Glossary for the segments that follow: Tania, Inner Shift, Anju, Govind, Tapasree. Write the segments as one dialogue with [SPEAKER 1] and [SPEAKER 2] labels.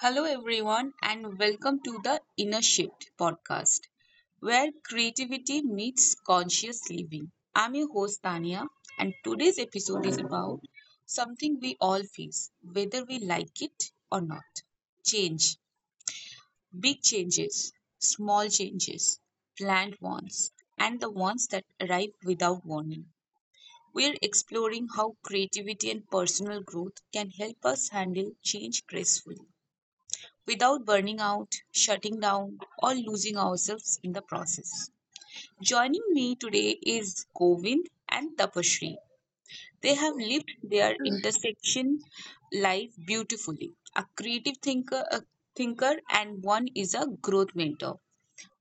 [SPEAKER 1] Hello, everyone, and welcome to the Inner Shift podcast, where creativity meets conscious living. I'm your host, Tania, and today's episode is about something we all face, whether we like it or not: change. Big changes, small changes, planned ones, and the ones that arrive without warning. We're exploring how creativity and personal growth can help us handle change gracefully without burning out, shutting down, or losing ourselves in the process. Joining me today is Govind and Tapasree. They have lived their intersection life beautifully. A creative thinker, and one is a growth mentor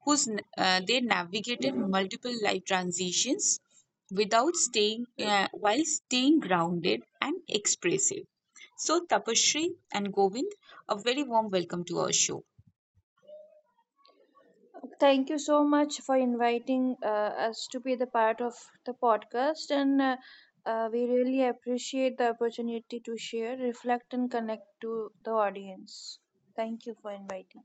[SPEAKER 1] who's they navigated multiple life transitions without staying while staying grounded and expressive. So Tapasree and Govind, a very warm welcome to our show.
[SPEAKER 2] Thank you so much for inviting us to be the part of the podcast, and we really appreciate the opportunity to share, reflect, and connect to the audience. Thank you for inviting.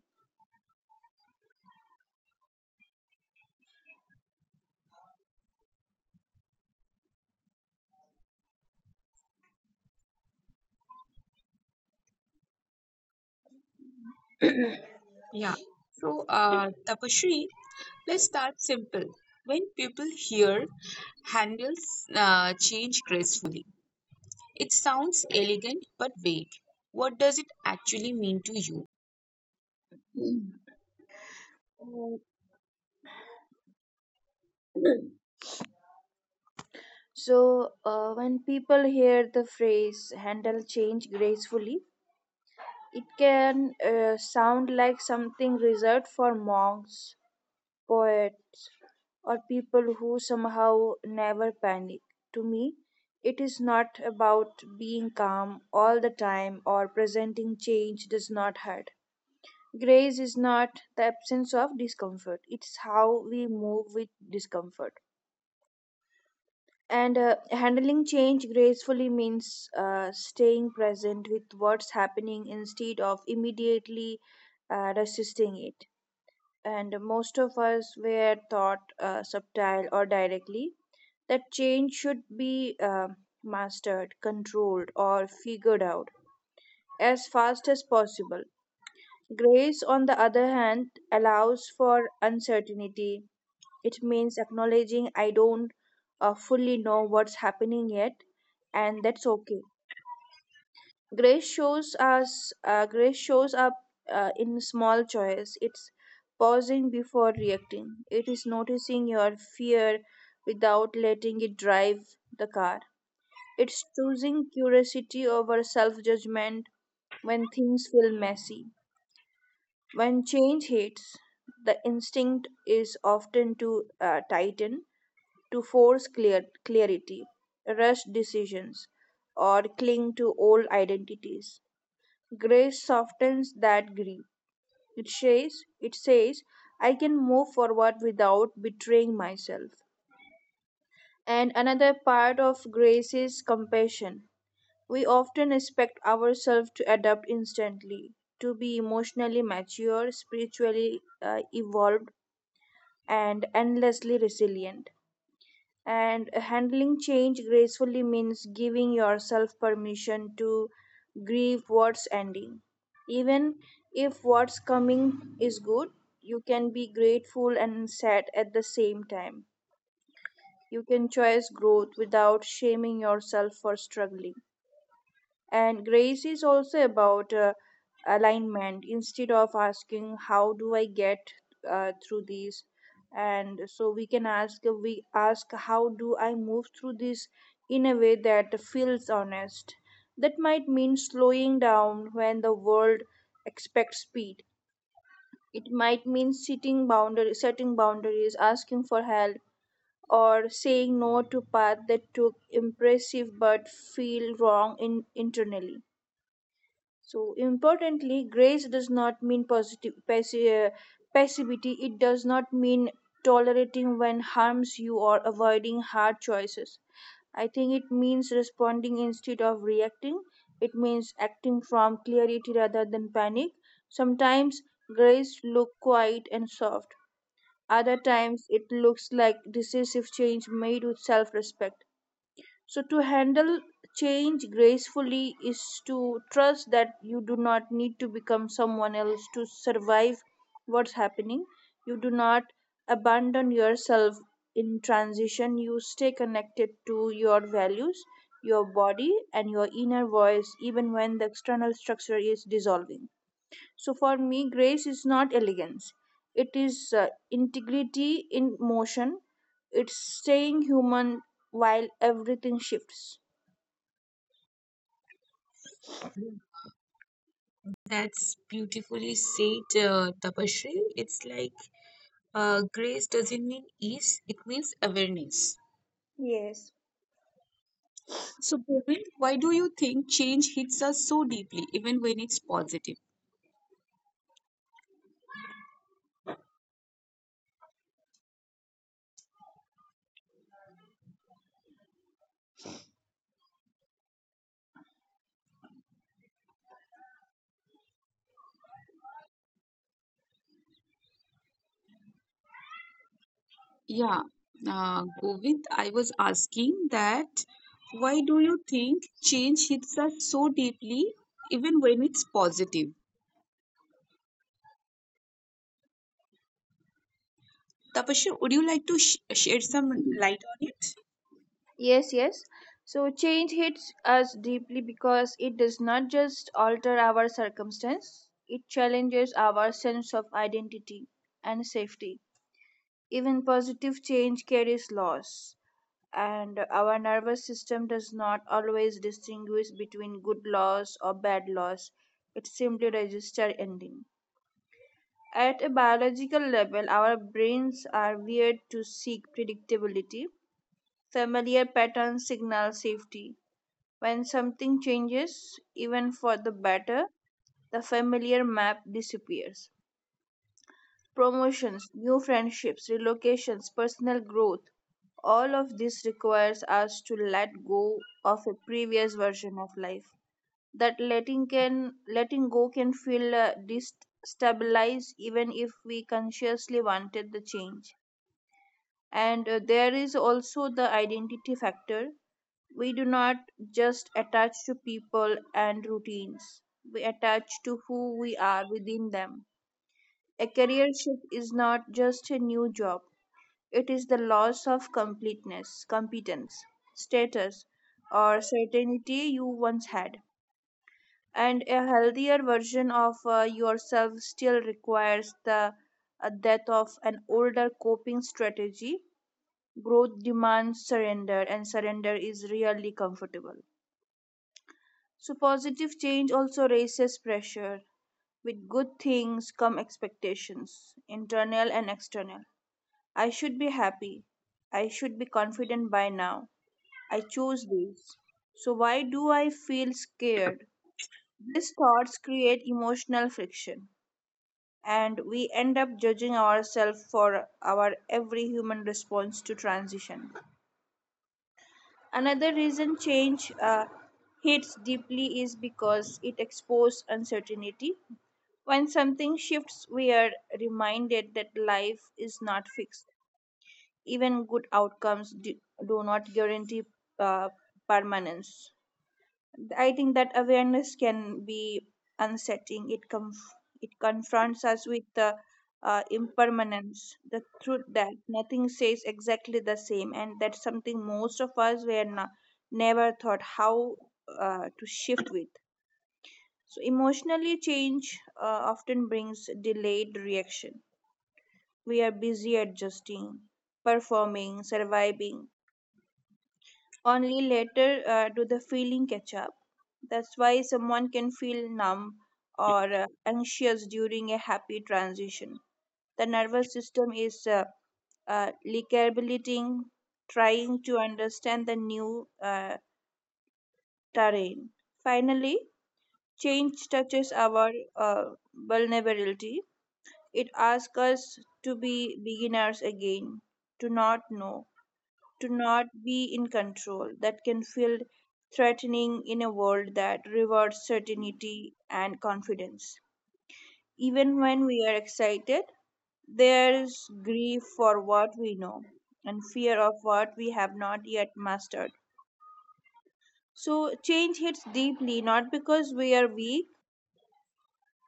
[SPEAKER 1] Yeah. Tapasree, let's start simple. When people hear handles change gracefully, it sounds elegant but vague. What does it actually mean to you?
[SPEAKER 2] Uh, So, when people hear the phrase handle change gracefully, it can sound like something reserved for monks poets, or people who somehow never panic. To me, it is not about being calm all the time or presenting change does not hurt. Grace is not the absence of discomfort, it's how we move with discomfort. And handling change gracefully means staying present with what's happening instead of immediately resisting it. And most of us were taught subtle or directly that change should be mastered, controlled, or figured out as fast as possible. Grace, on the other hand, allows for uncertainty. It means acknowledging I don't fully know what's happening yet, and that's okay. Grace shows up in small choice. It's pausing before reacting. It is noticing your fear without letting it drive the car. It's choosing curiosity over self judgment when things feel messy. When change hits, the instinct is often to tighten, to force clarity, rush decisions, or cling to old identities. Grace softens that grief. It says, I can move forward without betraying myself. And another part of grace is compassion. We often expect ourselves to adapt instantly, to be emotionally mature, spiritually evolved, and endlessly resilient. And handling change gracefully means giving yourself permission to grieve what's ending. Even if what's coming is good, you can be grateful and sad at the same time. You can choose growth without shaming yourself for struggling. And grace is also about alignment, instead of asking, how do I get through this? And so we ask, how do I move through this in a way that feels honest? That might mean slowing down when the world expects speed. It might mean setting boundaries, asking for help, or saying no to path that took impressive but feel wrong internally. So importantly, grace does not mean positive passivity. It does not mean tolerating when harms you or avoiding hard choices. I think it means responding instead of reacting. It means acting from clarity rather than panic. Sometimes grace looks quiet and soft. Other times it looks like decisive change made with self-respect. So, to handle change gracefully is to trust that you do not need to become someone else to survive what's happening. You do not abandon yourself in transition. You stay connected to your values, your body, and your inner voice, even when the external structure is dissolving. So for me, grace is not elegance. It is integrity in motion. It's staying human while everything shifts.
[SPEAKER 1] That's beautifully said, Tapashri. It's like grace doesn't mean ease, it means awareness.
[SPEAKER 2] Yes.
[SPEAKER 1] So, Bhavin, why do you think change hits us so deeply, even when it's positive? Yeah, Govind, I was asking that why do you think change hits us so deeply, even when it's positive? Tapashri, would you like to shed some light on it?
[SPEAKER 2] Yes, yes. So change hits us deeply because it does not just alter our circumstance, it challenges our sense of identity and safety. Even positive change carries loss. And our nervous system does not always distinguish between good loss or bad loss. It simply registers ending. At a biological level, our brains are wired to seek predictability. Familiar patterns signal safety. When something changes, even for the better, the familiar map disappears. Promotions, new friendships, relocations, personal growth all of this requires us to let go of a previous version of life. That letting go can feel destabilized even if we consciously wanted the change. And there is also the identity factor. We do not just attach to people and routines. We attach to who we are within them. A career shift is not just a new job. It is the loss of completeness, competence, status, or certainty you once had. And a healthier version of yourself still requires the death of an older coping strategy. Growth demands surrender, and surrender is rarely comfortable. So, positive change also raises pressure. With good things come expectations, internal and external. I should be happy. I should be confident by now. I chose this. So why do I feel scared? These thoughts create emotional friction, and we end up judging ourselves for our every human response to transition. Another reason change hits deeply is because it exposes uncertainty. When something shifts, we are reminded that life is not fixed. Even good outcomes do not guarantee uh, permanence. I think that awareness can be unsettling. It confronts us with the impermanence, the truth that nothing stays exactly the same, and that's something most of us were not, never thought how to shift with. So emotionally, change often brings delayed reaction. We are busy adjusting, performing, surviving. Only later do the feeling catch up. That's why someone can feel numb or anxious during a happy transition. The nervous system is recalibrating, trying to understand the new terrain. Finally, change touches our uh, vulnerability. It asks us to be beginners again, to not know, to not be in control. That can feel threatening in a world that rewards certainty and confidence. Even when we are excited, there's grief for what we know and fear of what we have not yet mastered. So, change hits deeply not because we are weak,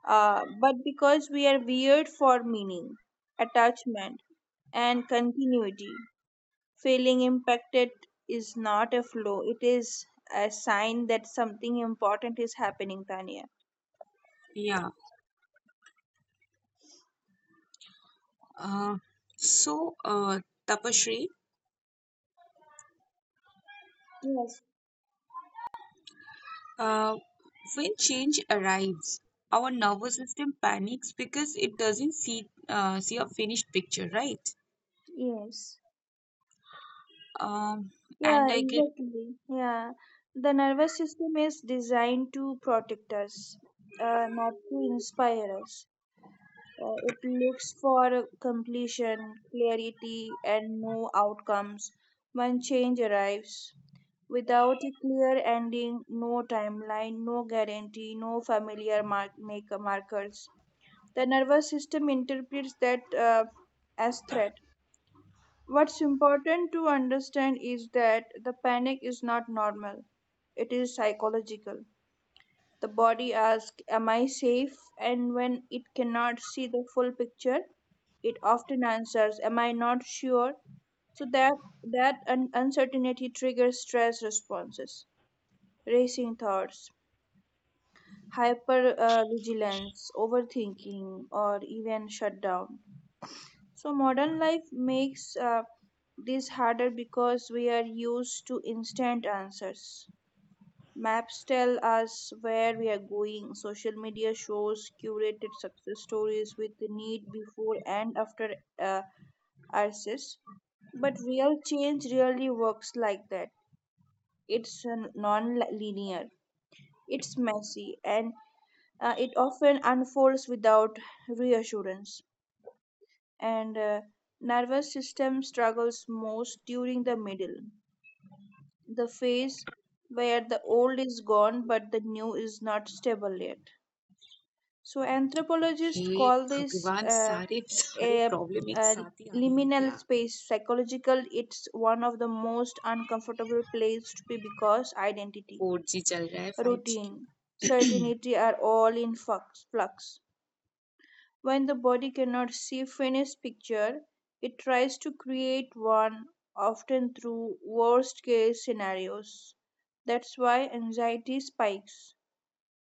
[SPEAKER 2] uh, but because we are weird for meaning, attachment, and continuity. Feeling impacted is not a flaw, it is a sign that something important is happening, Tanya.
[SPEAKER 1] Yeah. Uh, so, uh, Tapasree.
[SPEAKER 2] Yes,
[SPEAKER 1] Uh, when change arrives, our nervous system panics because it doesn't see see a finished picture, right?
[SPEAKER 2] yes.
[SPEAKER 1] Um,
[SPEAKER 2] Yeah,
[SPEAKER 1] and I get,
[SPEAKER 2] exactly. Yeah, the nervous system is designed to protect us, not to inspire us. It looks for completion, clarity, and no outcomes when change arrives. Without a clear ending, no timeline, no guarantee, no familiar markers. The nervous system interprets that as threat. What's important to understand is that the panic is not normal, it is psychological. The body asks, am I safe? And when it cannot see the full picture, it often answers, am I not sure? So uncertainty triggers stress responses, racing thoughts, hyper vigilance, overthinking, or even shutdown. So, modern life makes this harder because we are used to instant answers. Maps tell us where we are going, social media shows curated success stories with the need before and after uh, access. But real change really works like that. It's non linear, it's messy, and it often unfolds without reassurance, and nervous system struggles most during the middle, the phase where the old is gone but the new is not stable yet. So anthropologists
[SPEAKER 1] hey,
[SPEAKER 2] call this
[SPEAKER 1] भगवान सारे सारे
[SPEAKER 2] a,
[SPEAKER 1] problem एक
[SPEAKER 2] a
[SPEAKER 1] साथ ही आने हैं
[SPEAKER 2] liminal
[SPEAKER 1] क्या
[SPEAKER 2] space psychological. It's one of the most uncomfortable places to be because identity,
[SPEAKER 1] four G चल रहा है फाइव जी
[SPEAKER 2] routine,
[SPEAKER 1] क्यों
[SPEAKER 2] certainty are all in flux. When the body cannot see finished picture, it tries to create one often through worst case scenarios. That's why anxiety spikes.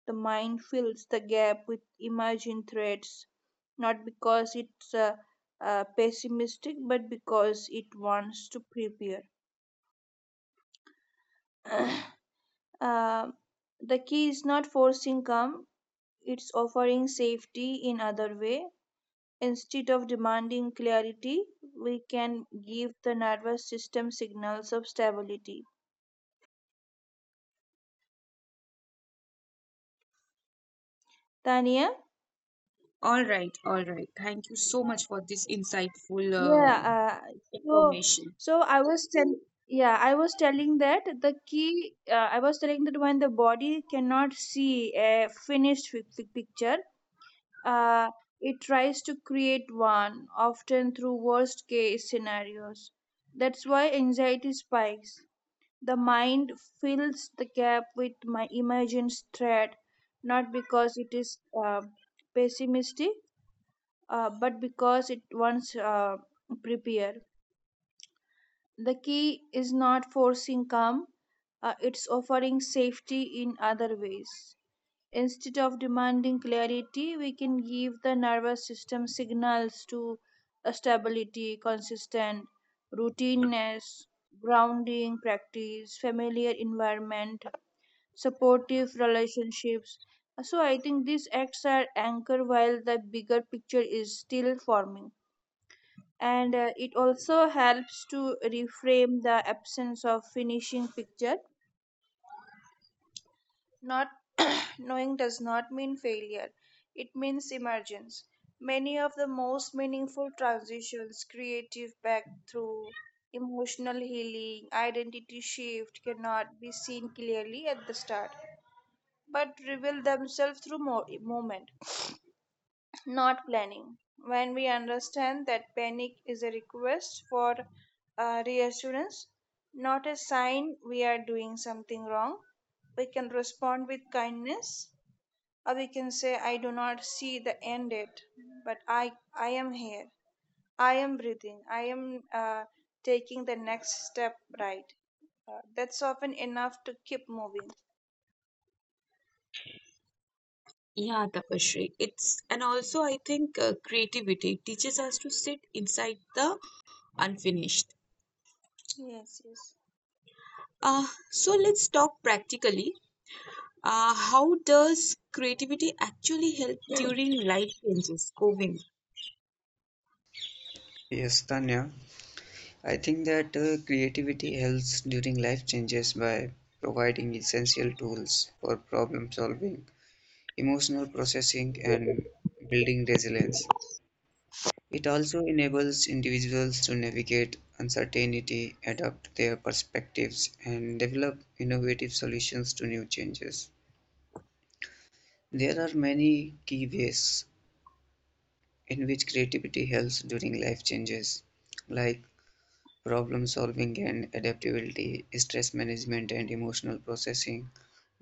[SPEAKER 2] The mind fills the gap with imagined threats, not because it's pessimistic, but because it wants to prepare. Uh, the key is not forcing calm, it's offering safety in other way. Instead of demanding clarity, we can give the nervous system signals of stability. Tania?
[SPEAKER 1] All right, all right. Thank you so much for this insightful
[SPEAKER 2] Yeah, so
[SPEAKER 1] information.
[SPEAKER 2] so I was telling that when the body cannot see a finished picture, uh, it tries to create one, often through worst case scenarios. That's why anxiety spikes. The mind fills the gap with my imagined threat, not because it is pessimistic, but because it wants prepared. The key is not forcing calm, it's offering safety in other ways. Instead of demanding clarity, we can give the nervous system signals to a stability, consistent routineness, grounding practice, familiar environment, supportive relationships. So I think this acts as anchor while the bigger picture is still forming. And it also helps to reframe the absence of finishing picture. Not knowing does not mean failure. It means emergence. Many of the most meaningful transitions, creative back through emotional healing, identity shift cannot be seen clearly at the start. But reveal themselves through movement, not planning. When we understand that panic is a request for reassurance, not a sign we are doing something wrong, we can respond with kindness, or we can say, I do not see the end date, but I am here. I am breathing. I am taking the next step right. That's often enough to keep moving.
[SPEAKER 1] Yeah, Tapashri. It's and also I think creativity teaches us to sit inside the unfinished.
[SPEAKER 2] Yes, yes.
[SPEAKER 1] Uh, so let's talk practically. How does creativity actually help during life changes, coping?
[SPEAKER 3] Yes, Tanya. I think that creativity helps during life changes by providing essential tools for problem solving, emotional processing, and building resilience. It also enables individuals to navigate uncertainty, adapt their perspectives, and develop innovative solutions to new changes. There are many key ways in which creativity helps during life changes, like problem solving and adaptability, stress management and emotional processing,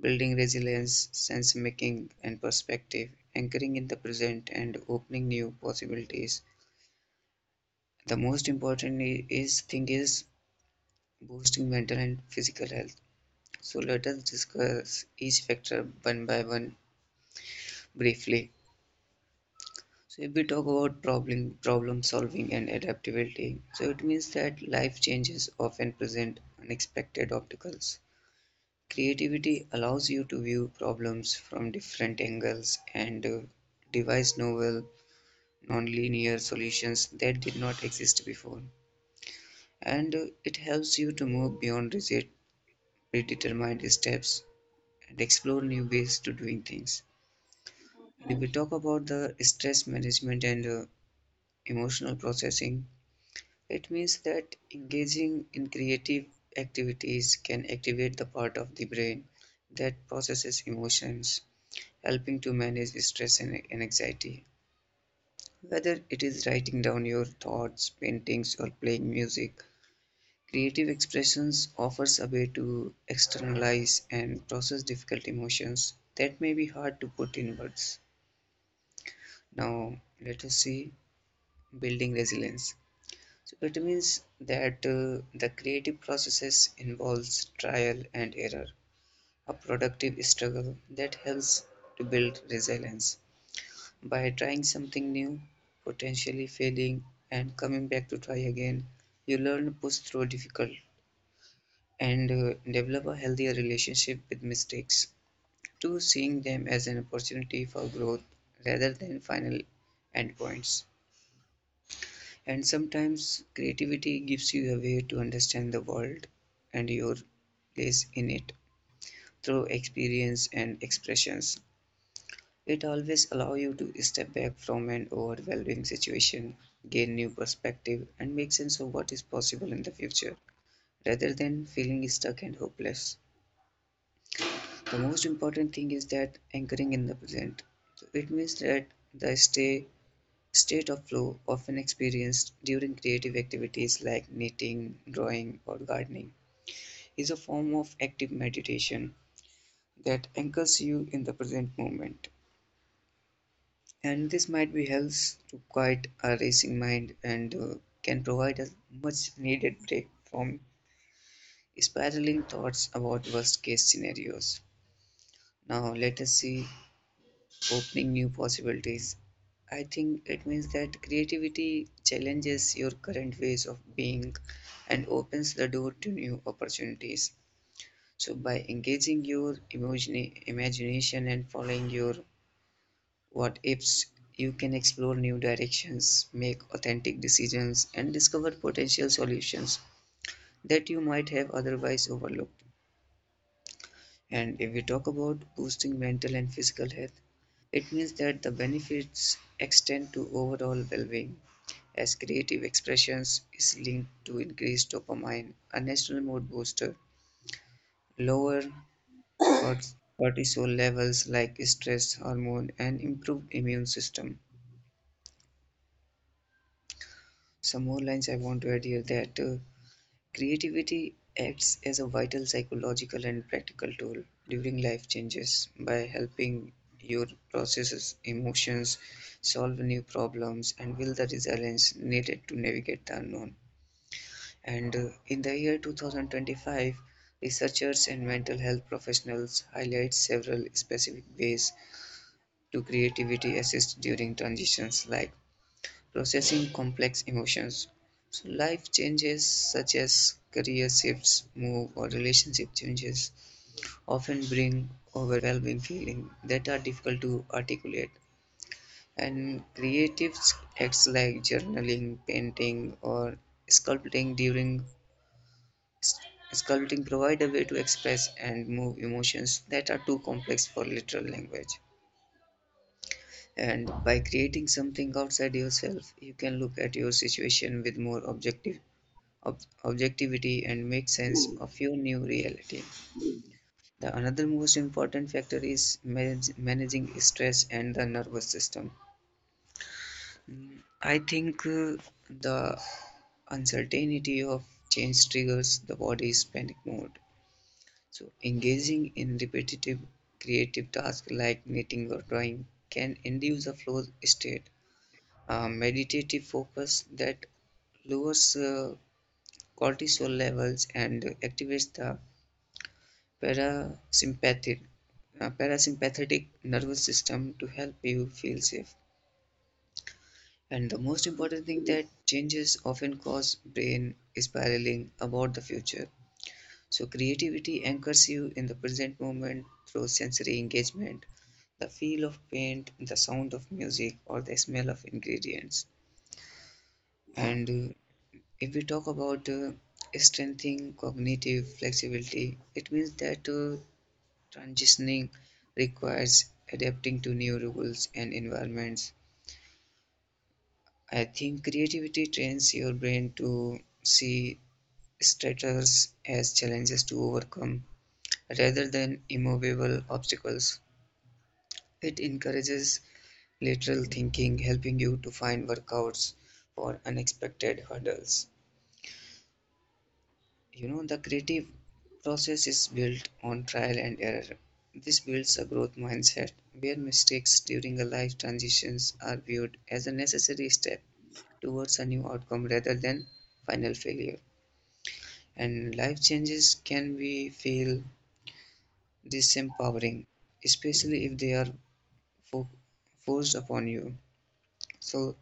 [SPEAKER 3] building resilience, sense making and perspective, anchoring in the present and opening new possibilities. The most important is thing is boosting mental and physical health. So let us discuss each factor one by one briefly. So if we talk about problem solving and adaptability, so it means that life changes often present unexpected obstacles. Creativity allows you to view problems from different angles and devise novel, non-linear solutions that did not exist before. And it helps you to move beyond rigid, predetermined steps and explore new ways to doing things. And if we talk about the stress management and emotional processing, it means that engaging in creative activities can activate the part of the brain that processes emotions, helping to manage stress and anxiety. Whether it is writing down your thoughts, paintings, or playing music, creative expressions offers a way to externalize and process difficult emotions that may be hard to put in words. Now, let us see building resilience. So it means that the creative processes involves trial and error, a productive struggle that helps to build resilience. By trying something new, potentially failing, and coming back to try again, you learn to push through difficult and develop a healthier relationship with mistakes, to seeing them as an opportunity for growth rather than final endpoints. And sometimes creativity gives you a way to understand the world and your place in it through experience and expressions. It always allows you to step back from an overwhelming situation, gain new perspective, and make sense of what is possible in the future, rather than feeling stuck and hopeless. The most important thing is that anchoring in the present. So it means that the stay, state of flow often experienced during creative activities like knitting, drawing, or gardening is a form of active meditation that anchors you in the present moment. And this might be helps to quiet a racing mind and can provide a much needed break from spiraling thoughts about worst case scenarios. Now, let us see opening new possibilities. I think it means that creativity challenges your current ways of being and opens the door to new opportunities. So, by engaging your imagination and following your what ifs, you can explore new directions, make authentic decisions, and discover potential solutions that you might have otherwise overlooked. And if we talk about boosting mental and physical health, it means that the benefits extend to overall well-being, as creative expressions is linked to increased dopamine, a natural mood booster, lower cortisol levels like stress hormone, and improved immune system. Some more lines I want to add here, that creativity acts as a vital psychological and practical tool during life changes by helping your processes, emotions, solve new problems, and build the resilience needed to navigate the unknown. And in the year 2025, researchers and mental health professionals highlight several specific ways to creativity assist during transitions, like processing complex emotions. So, life changes such as career shifts, move, or relationship changes often bring overwhelming feelings that are difficult to articulate. And creative acts like journaling, painting, or sculpting during sculpting provide a way to express and move emotions that are too complex for literal language. And by creating something outside yourself, you can look at your situation with more objective objectivity and make sense of your new reality. The another most important factor is managing stress and the nervous system. I think the uncertainty of change triggers the body's panic mode. So, engaging in repetitive creative tasks like knitting or drawing can induce a flow state, a meditative focus that lowers cortisol levels and activates the parasympathetic parasympathetic nervous system to help you feel safe. And the most important thing that changes often cause brain spiraling about the future. So creativity anchors you in the present moment through sensory engagement, the feel of paint, the sound of music, or the smell of ingredients. And if we talk about strengthening cognitive flexibility, it means that transitioning requires adapting to new rules and environments. I think creativity trains your brain to see stressors as challenges to overcome rather than immovable obstacles. It encourages lateral thinking, helping you to find workouts for unexpected hurdles. You know the creative process is built on trial and error. This builds a growth mindset where mistakes during a life transitions are viewed as a necessary step towards a new outcome rather than final failure. And life changes can be feel disempowering, especially if they are fo- forced upon you. So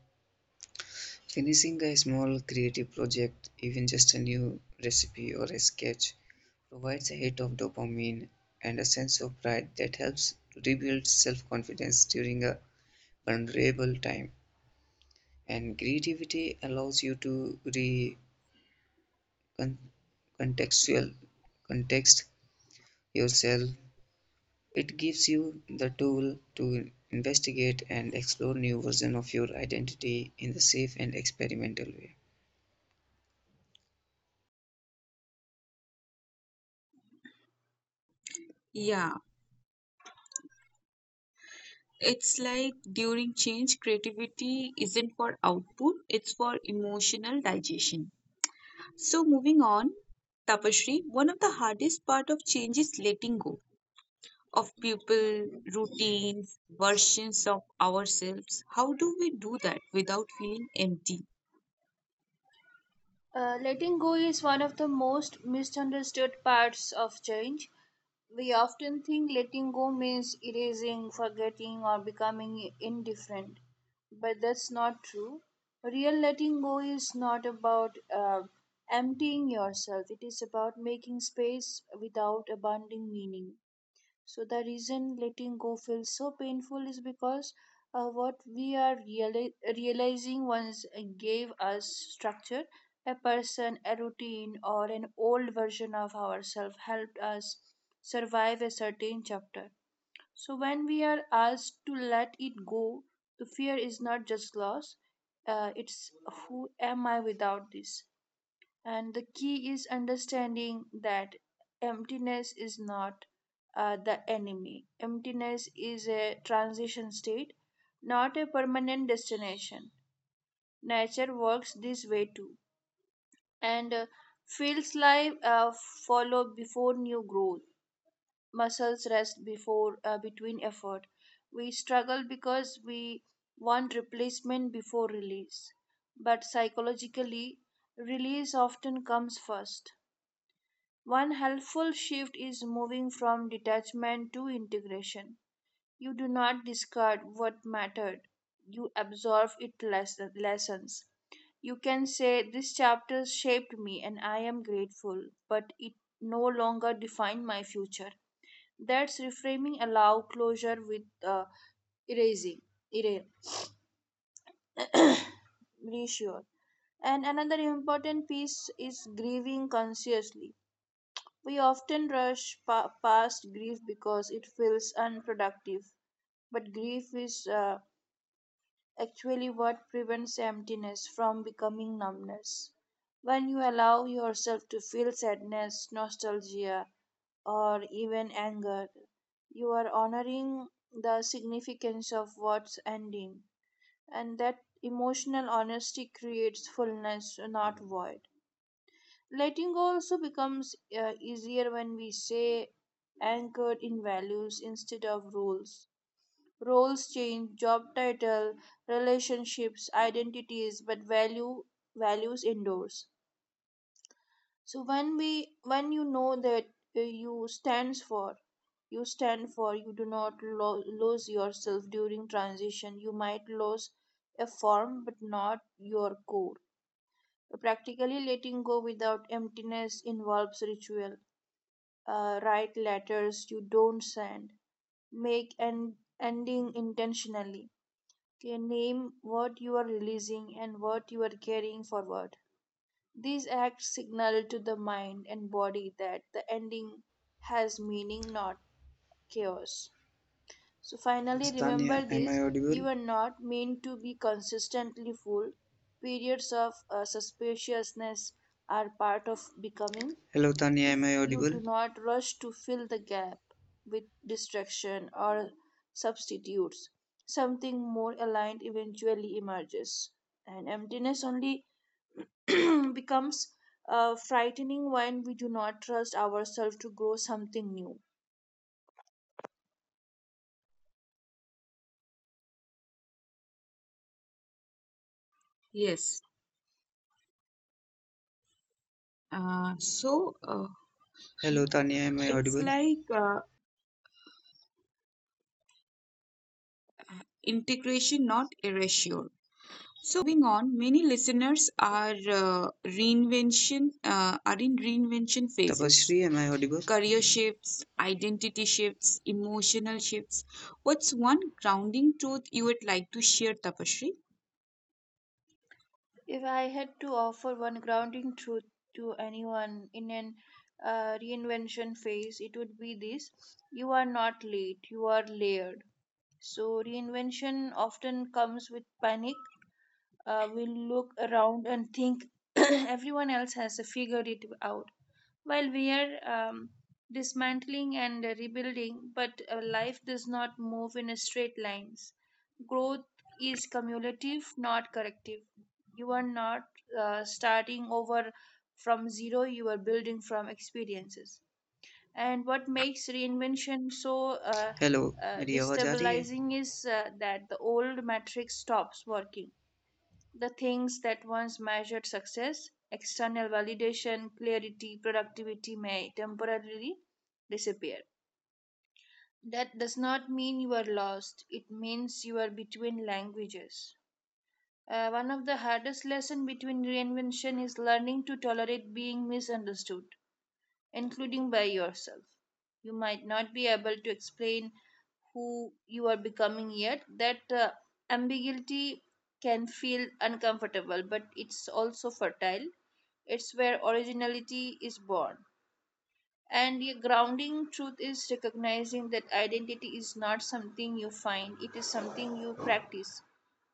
[SPEAKER 3] finishing a small creative project, even just a new recipe or a sketch, provides a hit of dopamine and a sense of pride that helps to rebuild self confidence during a vulnerable time. And creativity allows you to re context yourself. It gives you the tool to investigate and explore new version of your identity in the safe and experimental way.
[SPEAKER 1] Yeah, it's like during change, creativity isn't for output, it's for emotional digestion. So moving on, Tapashri, one of the hardest part of change is letting go of people, routines, versions of ourselves. How do we do that without feeling empty?
[SPEAKER 2] Letting go is one of the most misunderstood parts of change. We often think letting go means erasing, forgetting, or becoming indifferent, but that's not true. Real letting go is not about emptying yourself, it is about making space without abandoning meaning. So the reason letting go feels so painful is because what we are realizing once gave us structure. A person, a routine, or an old version of ourselves helped us survive a certain chapter. So when we are asked to let it go, the fear is not just loss. It's who am I without this? And the key is understanding that emptiness is not the enemy. Emptiness is a transition state, not a permanent destination. Nature works this way too. And fields life follow before new growth. Muscles rest before between effort. We struggle because we want replacement before release. But psychologically, release often comes first. One helpful shift is moving from detachment to integration. You do not discard what mattered, you absorb its lessons. You can say, "This chapter shaped me and I am grateful, but it no longer defined my future." That's reframing, allow closure with erasing. Erase. Reassure. And another important piece is grieving consciously. We often rush past grief because it feels unproductive, but grief is actually what prevents emptiness from becoming numbness. When you allow yourself to feel sadness, nostalgia, or even anger, you are honoring the significance of what's ending, and that emotional honesty creates fullness, not void. Letting go also becomes easier when we say anchored in values instead of rules. Roles change, job title, relationships, identities, but values endures. So when you know that you stands for you stand for you do not lose yourself during transition. You might lose a form but not your core. Practically, letting go without emptiness involves ritual. Write letters you don't send, make an ending intentionally, okay, name what you are releasing and what you are carrying forward. These acts signal to the mind and body that the ending has meaning, not chaos. So,
[SPEAKER 3] Yes,
[SPEAKER 2] finally, remember
[SPEAKER 3] Tanya, am I
[SPEAKER 2] this:
[SPEAKER 3] audible?
[SPEAKER 2] you are not meant to be consistently full. Periods of suspiciousness are part of becoming
[SPEAKER 3] Hello, Tanya,
[SPEAKER 2] if
[SPEAKER 3] am I
[SPEAKER 2] you
[SPEAKER 3] audible?
[SPEAKER 2] do not rush to fill the gap with distraction or substitutes. Something more aligned eventually emerges, and emptiness only becomes frightening when we do not trust ourselves to grow something new.
[SPEAKER 1] Yes. Uh, so uh,
[SPEAKER 3] Hello, Tanya, am I
[SPEAKER 1] It's
[SPEAKER 3] audible?
[SPEAKER 1] like integration, not erasure. So moving on, many listeners are reinvention are in reinvention phases.
[SPEAKER 3] Tapasri, am I audible?
[SPEAKER 1] Career shifts, identity shifts, emotional shifts. What's one grounding truth you would like to share, Tapashri?
[SPEAKER 2] If I had to offer one grounding truth to anyone in an reinvention phase, it would be this: you are not late, you are layered. So, reinvention often comes with panic. We look around and think everyone else has figured it out, while we are um, dismantling and rebuilding, but life does not move in straight lines. Growth is cumulative, not corrective. You are not starting over from zero, you are building from experiences. And what makes reinvention so
[SPEAKER 3] hello मेरी आवाज़ आ रही है
[SPEAKER 2] destabilizing is that the old metric stops working. The things that once measured success, external validation, clarity, productivity, may temporarily disappear. That does not mean you are lost, it means you are between languages. One of the hardest lessons between reinvention is learning to tolerate being misunderstood, including by yourself. You might not be able to explain who you are becoming yet. That ambiguity can feel uncomfortable, but it's also fertile. It's where originality is born. And the grounding truth is recognizing that identity is not something you find, it is something you practice.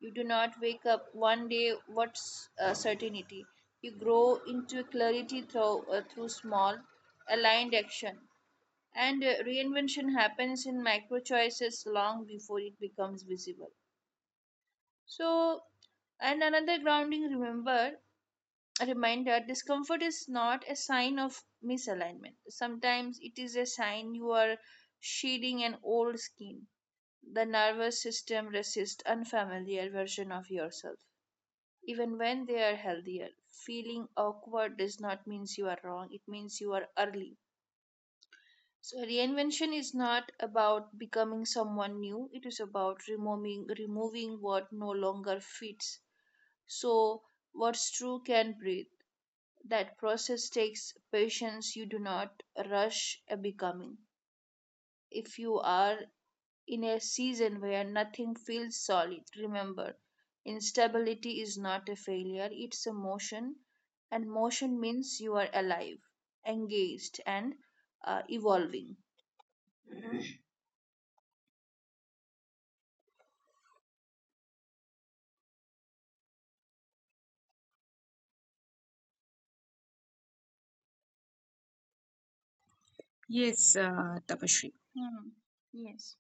[SPEAKER 2] You do not wake up one day what's certainty. You grow into clarity through small, aligned action. And reinvention happens in micro choices long before it becomes visible. So, and another grounding, remember, a reminder: discomfort is not a sign of misalignment. Sometimes it is a sign you are shedding an old skin. The nervous system resists unfamiliar version of yourself. Even when they are healthier, feeling awkward does not mean you are wrong, it means you are early. So reinvention is not about becoming someone new, it is about removing what no longer fits. So what's true can breathe. That process takes patience. You do not rush a becoming. If you are in a season where nothing feels solid, remember instability is not a failure, it's a motion, and motion means you are alive, engaged, and evolving.
[SPEAKER 1] Yes, Tapashri.
[SPEAKER 2] Hmm. Yes.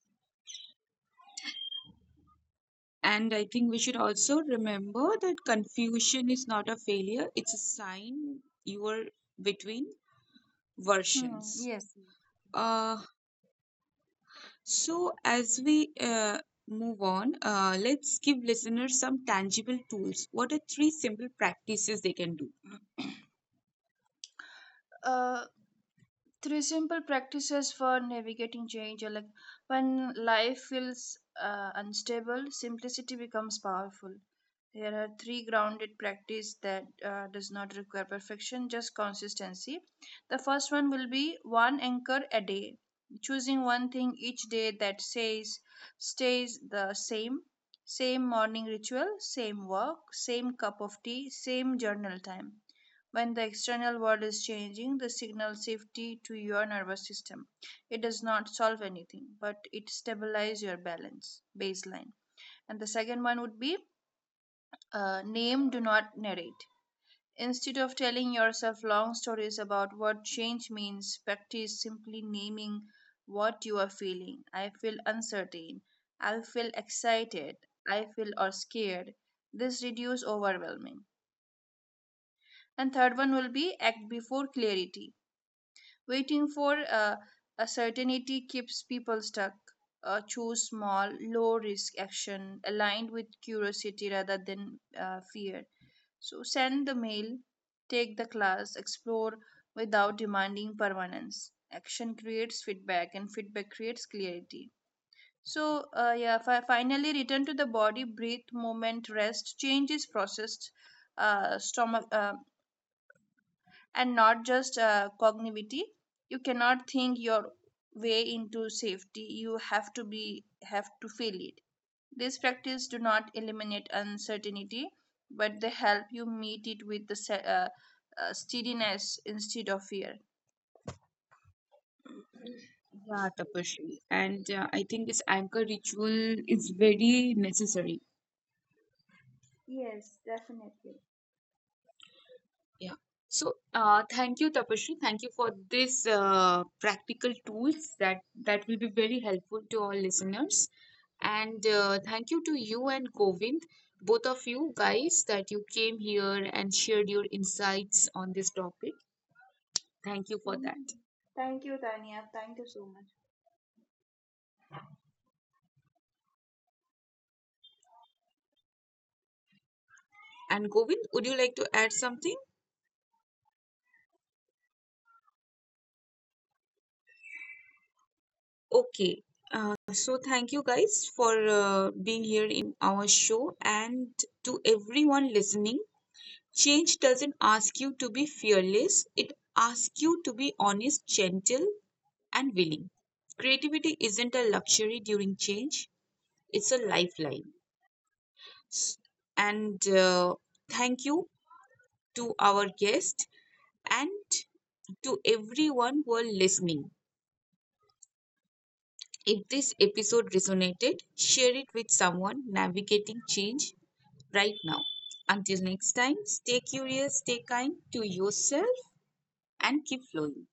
[SPEAKER 1] And I think we should also remember that confusion is not a failure; it's a sign you are between
[SPEAKER 2] Hmm.
[SPEAKER 1] versions.
[SPEAKER 2] Yes. Yes.
[SPEAKER 1] Uh, So as we move on, let's give listeners some tangible tools. What are three simple practices they can do?
[SPEAKER 2] Uh, Three simple practices for navigating change are like when life feels unstable. Simplicity becomes powerful. Here are three grounded practice that does not require perfection, just consistency. The first one will be one anchor a day, choosing one thing each day that says stays the same. Same morning ritual, same work, same cup of tea, same journal time. When the external world is changing, the signal safety to your nervous system. It does not solve anything, but it stabilizes your balance baseline. And the second one would be name, do not narrate. Instead of telling yourself long stories about what change means, practice simply naming what you are feeling. I feel uncertain. I feel excited. I feel or scared. This reduce overwhelming. And third one will be act before clarity. Waiting for a certainty keeps people stuck. Choose small, low risk action aligned with curiosity rather than fear. So send the mail, take the class, explore without demanding permanence. Action creates feedback, and feedback creates clarity. So, yeah, finally return to the body, breathe, movement, rest. Change is processed. Stomach, and not just cognitivity. You cannot think your way into safety. You have to feel it. These practices do not eliminate uncertainty, but they help you meet it with the uh, steadiness instead of fear.
[SPEAKER 1] Yeah, Tapashri. And I think this anchor ritual is very necessary.
[SPEAKER 2] Yes, definitely.
[SPEAKER 1] Yeah. So, thank you, Tapashri. Thank you for this practical tools that will be very helpful to all listeners. And thank you to you and Govind, both of you guys, that you came here and shared your insights on this topic. Thank you for that.
[SPEAKER 2] Mhm. Thank you, Tanya. Thank you so much.
[SPEAKER 1] And Govind, would you like to add something? Okay. So thank you guys for being here in our show, and to everyone listening: change doesn't ask you to be fearless. It asks you to be honest, gentle and willing. Creativity isn't a luxury during change. It's a lifeline. S- And thank you to our guest and to everyone who are listening. If this episode resonated, share it with someone navigating change right now. Until next time, stay curious, stay kind to yourself, and keep flowing.